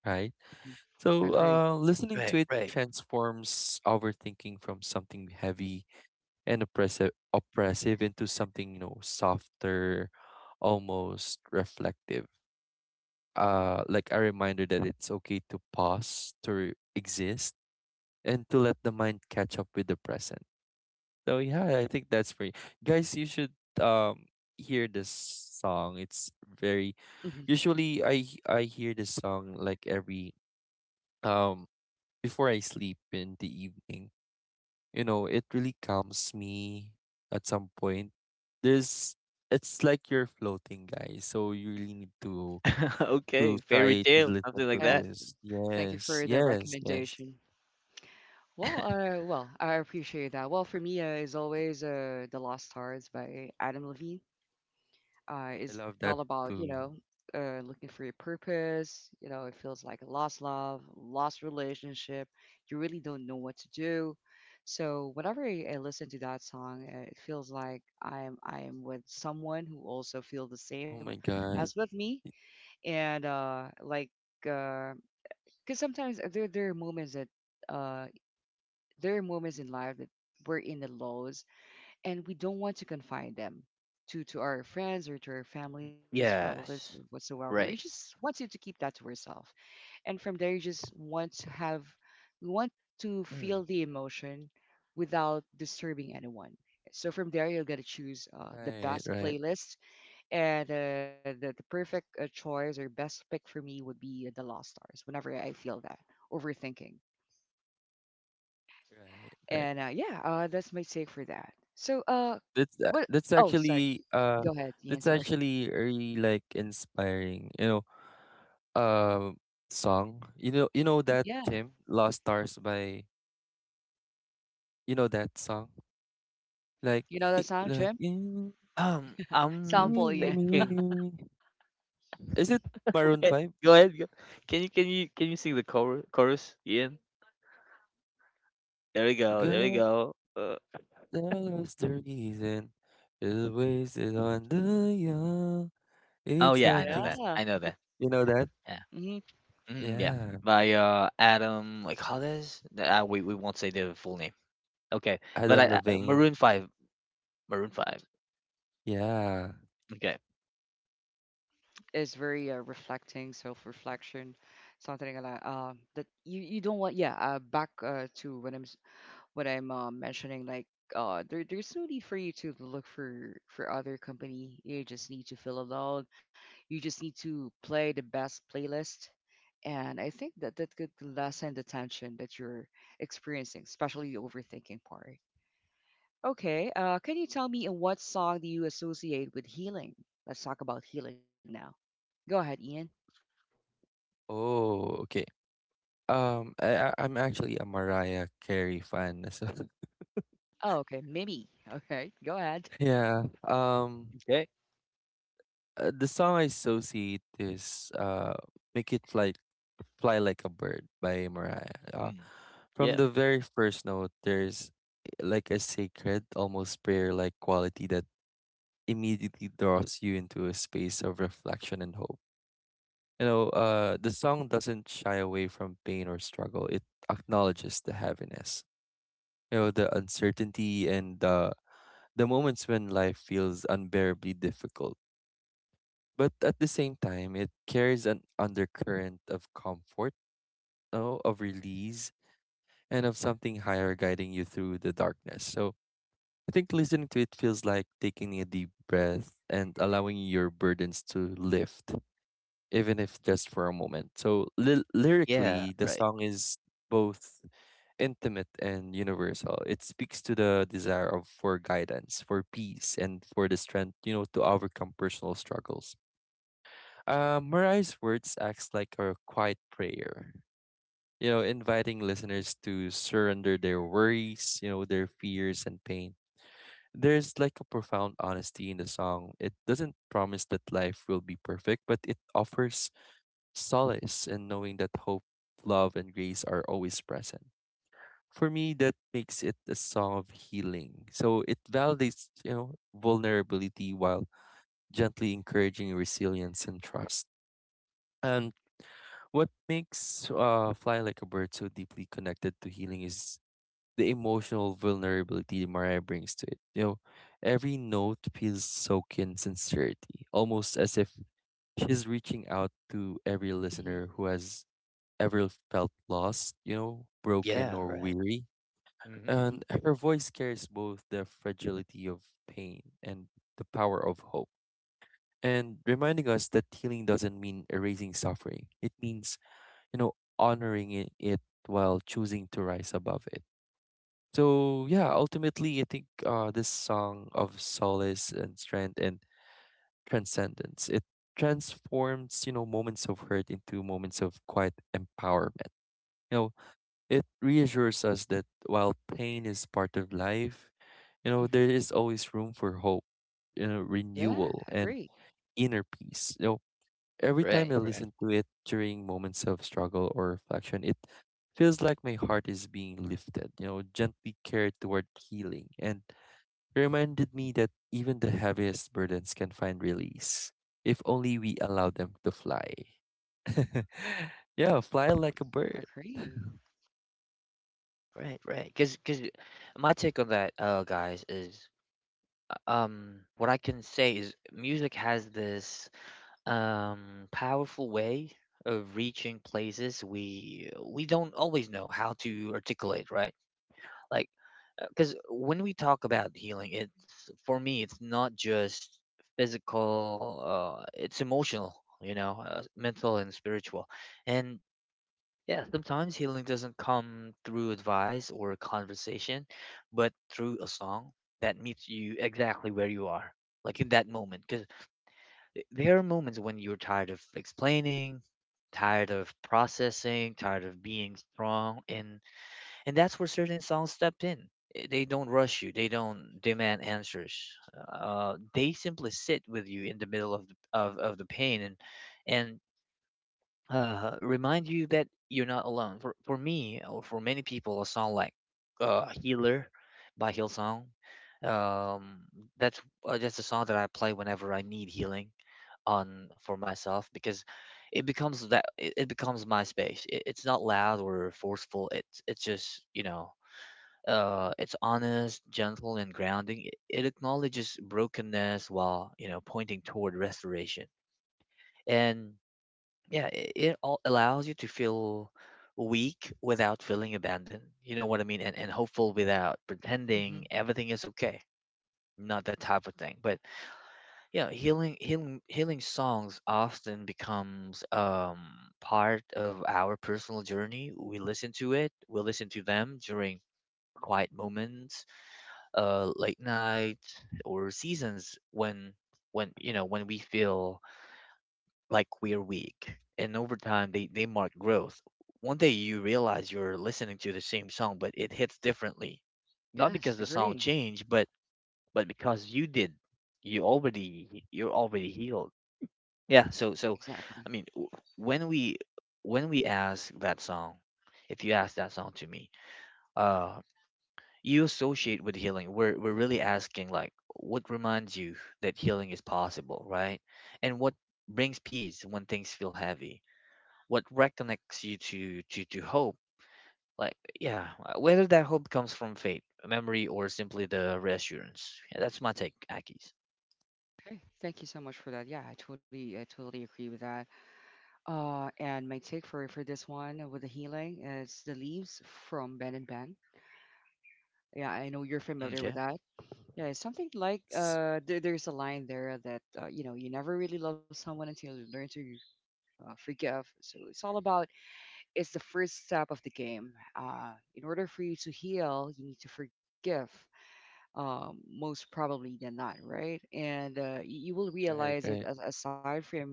right?
Hmm.
So,
Agree.
listening
Right,
to it
right.
transforms our thinking from something heavy and oppressive into something, you know, softer, almost reflective. Like a reminder that it's okay to pause, to exist, and to let the mind catch up with the present. So yeah, I think that's for you. Guys, you should um hear this song. It's very.
Hmm.
Usually I hear this song like every um before I sleep in the evening. You know, it really calms me at some point. There's, it's like you're floating, guys. So you really need to
Okay, fairy
try to
tale,
listen
something like
to
Uh,
that.
this.
Thank you for
Yes,
the
yes, yes.
recommendation. Well, well, I appreciate that. Well, for me, is always "The Lost Stars" by Adam Levine.
I
Is all
love that
about, you know,
too.
looking for your purpose. You know, it feels like a lost love, lost relationship. You really don't know what to do. So whenever I listen to that song, it feels like I'm with someone who also feel the
Oh
same
my
as
god.
with me. And uh like because sometimes, uh there are moments in life that we're in the lows, and we don't want to confine them to our friends, or to our families, relatives, or
Yes.
whatsoever. We just
Right.
want you to keep that to yourself, and from there you just want to have, we want to
Mm.
feel the emotion without disturbing anyone. So from there you're gonna choose, the
Right,
best
right,
playlist, and the perfect choice or best pick for me would be the Lost Stars. Whenever I feel that overthinking,
right, right.
and yeah, that's my take for that. So,
That's a-
what?
that's
Oh, sorry.
actually
Go ahead, Ian.
that's
Sorry.
actually really like inspiring. You know, um song. You know, you know that
Yeah,
Jim, Lost Stars by, you know that song? Like
you know that sound,
like,
Jim?
I'm
Soundful, Ian.
thinking.
is it Maroon
Okay,
5?
go ahead. Go. Can you sing the chorus? Chorus, Ian. There we go. There we
God
go.
knows the reason. Is wasted on the young.
Oh
It's
yeah, I know
something,
that.
Yeah.
I know that.
you know that?
Yeah.
Hmm.
Mm, yeah.
Yeah.
By Adam like Hades. We won't say the full name. Okay. But
Adam
I
Levine.
Maroon Five. Maroon Five.
Yeah.
Okay.
It's very reflecting, self-reflection, something like that. That you don't want. Yeah. Back, to what I'm mentioning. Like, there's no need for you to look for other company. You just need to feel alone. You just need to play the best playlist. And I think that that could lessen the tension that you're experiencing, especially the overthinking part. Okay, can you tell me, what song do you associate with healing? Let's talk about healing now. Go ahead, Ian.
Oh, okay. I'm actually a Mariah Carey fan. So
Oh, okay, Mimi. Okay, go ahead.
yeah.
Okay.
The song I associate is "Make It Fly, Fly Like a Bird" by Mariah.
Mm.
From
Yeah.
the very first note, there's like a sacred, almost prayer-like quality that immediately draws you into a space of reflection and hope. You know, the song doesn't shy away from pain or struggle. It acknowledges the heaviness, you know, the uncertainty and the moments when life feels unbearably difficult. But at the same time, it carries an undercurrent of comfort, oh, of release, and of something higher guiding you through the darkness. So I think listening to it feels like taking a deep breath and allowing your burdens to lift, even if just for a moment. So
Yeah.
lyrically, the
Right.
song is both intimate and universal. It speaks to the desire of for guidance, for peace, and for the strength, you know, to overcome personal struggles. Mariah's words acts like a quiet prayer, you know, inviting listeners to surrender their worries, you know, their fears and pain. There's like a profound honesty in the song. It doesn't promise that life will be perfect, but it offers solace in knowing that hope, love, and grace are always present. For me, that makes it a song of healing. So it validates, you know, vulnerability while gently encouraging resilience and trust. And what makes fly like a bird so deeply connected to healing is the emotional vulnerability Mariah brings to it. You know, every note feels soaked in sincerity, almost as if she's reaching out to every
Hmm.
listener who has ever felt lost, you know, broken
Yeah.
or
Right.
weary.
Hmm.
Hmm.
And her voice carries both the fragility of pain and the power of hope, and reminding us that healing doesn't mean erasing suffering. It means, you know, honoring it, while choosing to rise above it. So yeah, ultimately I think this song of solace and strength and transcendence, it transforms, you know, moments of hurt into moments of quiet empowerment. You know, it reassures us that while pain is part of life, you know,
Hmm.
there is always room for hope, you know,
Yeah,
renewal and
agree,
inner peace. You know, every time
Right.
I
Right.
listen to it during moments of struggle or reflection, it feels like my heart is being lifted, you know, gently carried toward healing. And it reminded me that even the heaviest burdens can find release if only we allow them to fly. Yeah, fly like a bird.
agree.
Right, right. Because my take on that, guys, is, what I can say is music has this, powerful way of reaching places we don't always know how to articulate, right? Like, because when we talk about healing, it's, for me, it's not just physical, it's emotional, you know, mental and spiritual. And yeah, sometimes healing doesn't come through advice or conversation, but through a song that meets you exactly where you are, like in that moment. Because there are moments when you're tired of explaining, tired of processing, tired of being strong, and that's where certain songs step in. Eh, they don't rush you. They don't demand answers. They simply sit with you in the middle of of the pain and and remind you that you're not alone. For me, or for many people, a song like, "Healer" by Hillsong, um, that's, that's a song that I play whenever I need healing on for myself, because it becomes that, it becomes my space. It's not loud or forceful. It's just, you know, it's honest, gentle, and grounding. It acknowledges brokenness while, you know, pointing toward restoration. And yeah, it all allows you to feel weak without feeling abandoned. You know what I mean? And hopeful without
Hmm.
pretending everything is okay. Not that type of thing. But yeah, healing songs often becomes, part of our personal journey. We listen to it, we listen to them during quiet moments, late night, or seasons when, you know, when we feel like we're weak. And over time, they mark growth. One day you realize you're listening to the same song, but it hits differently. Not
Yes,
because the song
agree.
changed, but because you did. You're already healed. Yeah. So so,
Exactly.
I mean, when we when we ask that song, if you ask that song to me, uh, you associate with healing. We're really asking like, what reminds you that healing is possible, right? And what brings peace when things feel heavy, what reconnects you to hope. Like, yeah, whether that hope comes from faith, memory, or simply the reassurance. Yeah, that's my take, Akis.
Okay, thank you so much for that. Yeah, I totally agree with that. And my take for this one, with the healing, is "The Leaves" from Ben and Ben. Yeah, I know you're familiar with
Okay.
that. Yeah, it's something like,
S-
there's a line there that, you know, you never really love someone until you learn to, forgive. So it's all about it's the first step of the game. In order for you to heal, you need to forgive, most probably than not, right? And you will
Right,
realize it
right.
as, aside from,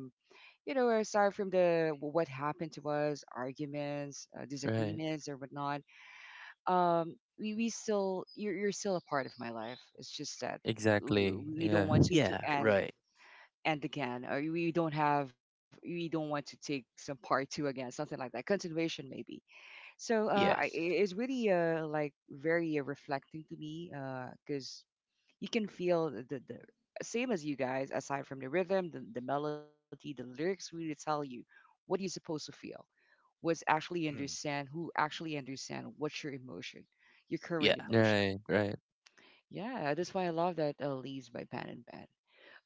you know, aside from the what happened to us, arguments,
Right.
disagreements, or whatnot. We still You're still a part of my life. It's just that w-
Exactly.
we don't
Yeah.
want to to
Yeah,
end
right.
end again, or we don't want to take some part two again, something like that, continuation maybe. so uh I-
Yes.
i- it's really, like, very, reflecting to me, because you can feel the same as you guys. Aside from the rhythm, the melody, the lyrics really tell you what you're supposed to feel, was actually
Mm.
understand, who actually understand what's your emotion, your current
Yeah.
emotion.
Right. Right.
Yeah, that's why I love that, "Leaves" by Pan and Pan.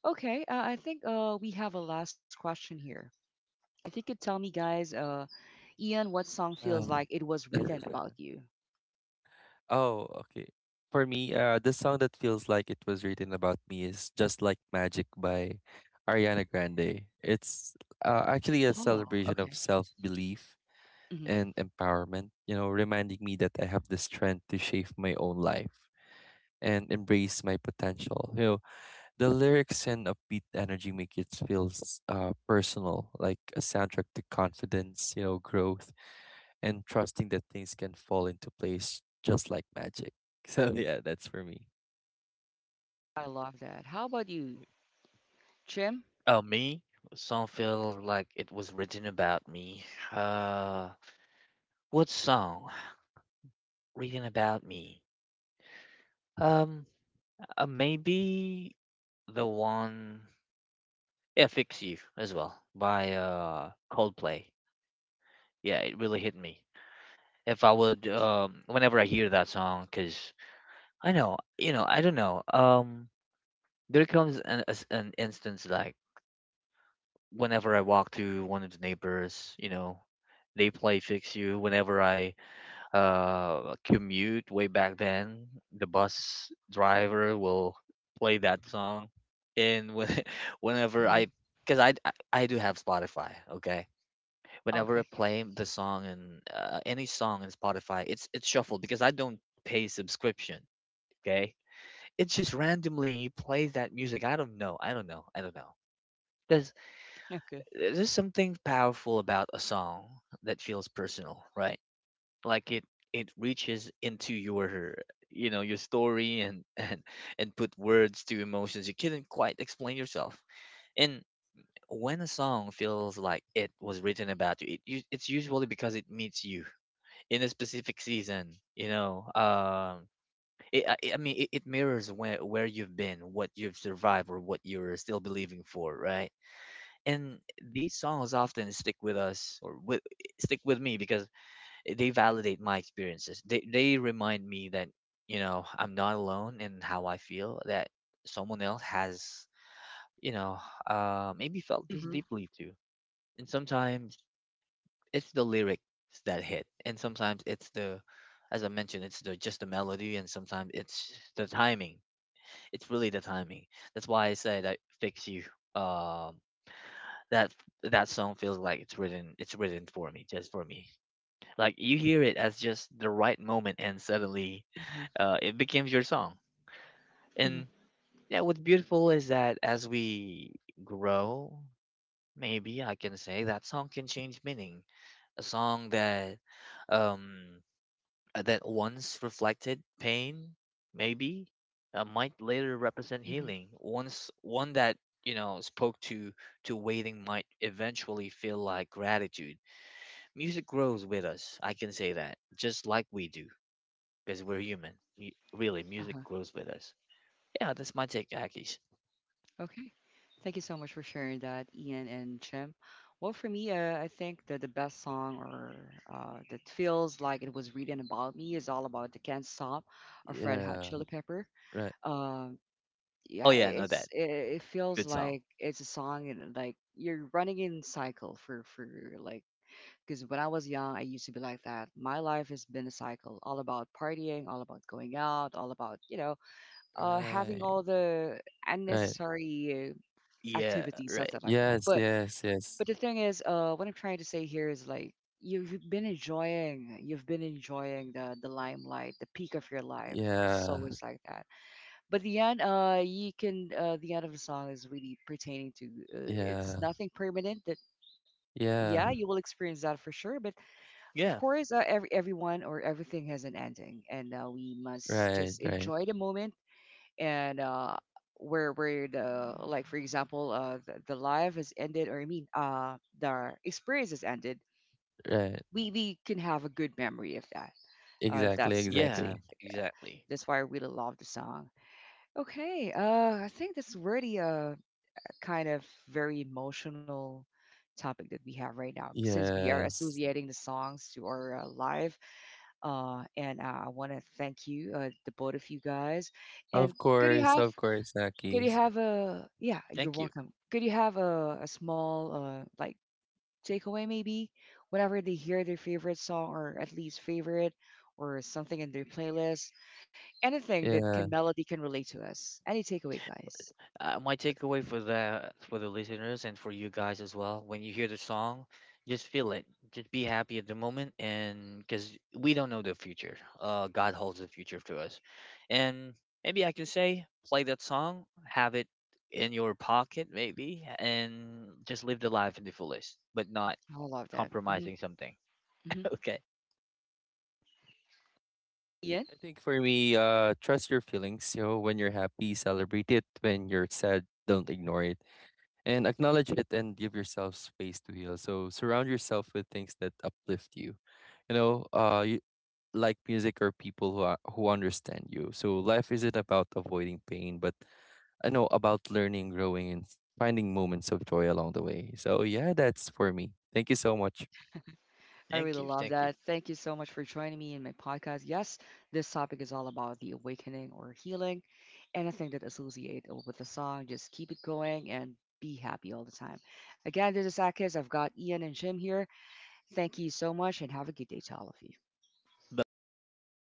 Okay, I think we have a last question here. If you could tell me, guys, Ian, what song feels like
Um,
it was written about you?
oh, okay. For me, the song that feels like it was written about me is "Just Like Magic" by Ariana Grande. It's actually a
Oh, okay.
celebration of self-belief
Hmm.
and empowerment. You know, reminding me that I have the strength to shape my own life and embrace my potential. You know, the lyrics and upbeat energy make it feels personal, like a soundtrack to confidence, you know, growth, and trusting that things can fall into place just like magic. So yeah, that's for me.
I love that. How about you, Jim?
Me, song feel like it was written about me. uh what song written about me? um Maybe the one, yeah, "Fix You" as well by Coldplay. Yeah, it really hit me, if I would, whenever I hear that song, because I know, you know, I don't know, there comes an instance like, whenever I walk to one of the neighbors, you know, they play "Fix You." Whenever I commute way back then, the bus driver will play that song. And when, whenever
Hmm.
I, because I do have Spotify. Okay,
Okay.
whenever I play the song, and any song in Spotify, it's shuffled, because I don't pay subscription. Okay, it just randomly plays that music. I don't know. I don't know. I don't know. There's
Okay.
there's something powerful about a song that feels personal, right? Like, it reaches into your, you know, your story, and and put words to emotions you couldn't quite explain yourself. And when a song feels like it was written about you, it's usually because it meets you in a specific season, you know. It, I mean, it mirrors where you've been, what you've survived, or what you're still believing for, right? And these songs often stick with us, or with, stick with me, because they validate my experiences. They remind me that, you know, I'm not alone in how I feel, that someone else has, you know, maybe felt
Hmm.
this deeply too. And sometimes it's the lyrics that hit, and sometimes it's the, as I mentioned, it's the, just the melody, and sometimes it's the timing. It's really the timing. That's why I said I "Fix You." um that, song feels like it's written, it's written for me, just for me. Like, you hear it as just the right moment, and suddenly,
Hmm.
it becomes your song.
Hmm.
And yeah, what's beautiful is that as we grow, maybe I can say, that song can change meaning. A song that, um that once reflected pain, maybe, might later represent
Hmm.
healing. Once one that, you know, spoke to waiting, might eventually feel like gratitude. Music grows with us. I can say that, just like we do, because we're human. Really, music grows with us. Yeah, that's my take, Akish.
Okay. Thank you so much for sharing that, Ian and Jim. Well, for me, I think that the best song, or that feels like it was written about me is all about the "Can't Stop" of Red Hot
Yeah,
Chili Pepper.
right,
Um, yeah,
Oh yeah, I know that.
it feels
Good song.
like it's a song, and like you're running in cycle for like, because when I was young, I used to be like that. My life has been a cycle, all about partying, all about going out, all about, you know, having
right,
all the
right.
unnecessary
Yeah,
activities,
right.
nothing like that.
Yes,
But
yes, yes.
but the thing is, what I'm trying to say here is like, you've been enjoying the limelight, the peak of your life. It's
Yeah,
always like that. But the end, you can the end of the song is really pertaining to, it's
yeah,
nothing permanent. That, yeah,
yeah.
you will experience that for sure. But of
Yeah,
course, everyone or everything has an ending, and we must
Right,
just
right,
enjoy the moment, and where the, like for example, the life has ended, or I mean, the experience has ended,
right.
we can have a good memory of that.
Exactly,
That's my
yeah,
take.
exactly.
exactly.
That's why I really love the song. Okay, I think this is really a kind of very emotional topic that we have right now, since we are
Yes.
associating the songs to our, life. And I want to thank you, the both of you guys. And could you have
Of course,
could you
Akis.
have a... Yeah, you're
Thank you.
welcome. Could you have a, small, like, takeaway maybe? Whenever they hear their favorite song, or at least favorite, or something in their playlist, anything that
Yeah.
can melody can relate to us. Any takeaway, guys?
Uh, my takeaway for the listeners and for you guys as well, when you hear the song, just feel it, just be happy at the moment, and because we don't know the future, God holds the future to us. And maybe I can say, play that song, have it in your pocket, maybe, and just live the life in the fullest, but not
I love that. Mm-hmm.
compromising something.
Mm-hmm.
Okay.
Ian?
I think for me, trust your feelings. You know, when you're happy, celebrate it. When you're sad, don't ignore it. And acknowledge it and give yourself space to heal. So surround yourself with things that uplift you. You know, like music or people who understand you. So life isn't about avoiding pain, but I know about learning, growing, and finding moments of joy along the way. So yeah, that's for me. Thank you so much.
I really
thank you
love
thank you
that. Thank you so much for joining me in my podcast. Yes, this topic is all about the awakening or healing, anything that associate with the song. Just keep it going and be happy all the time. Again, this is Akis. I've got Ian and Jim here. Thank you so much and have a good day to all of you.
Bye bye.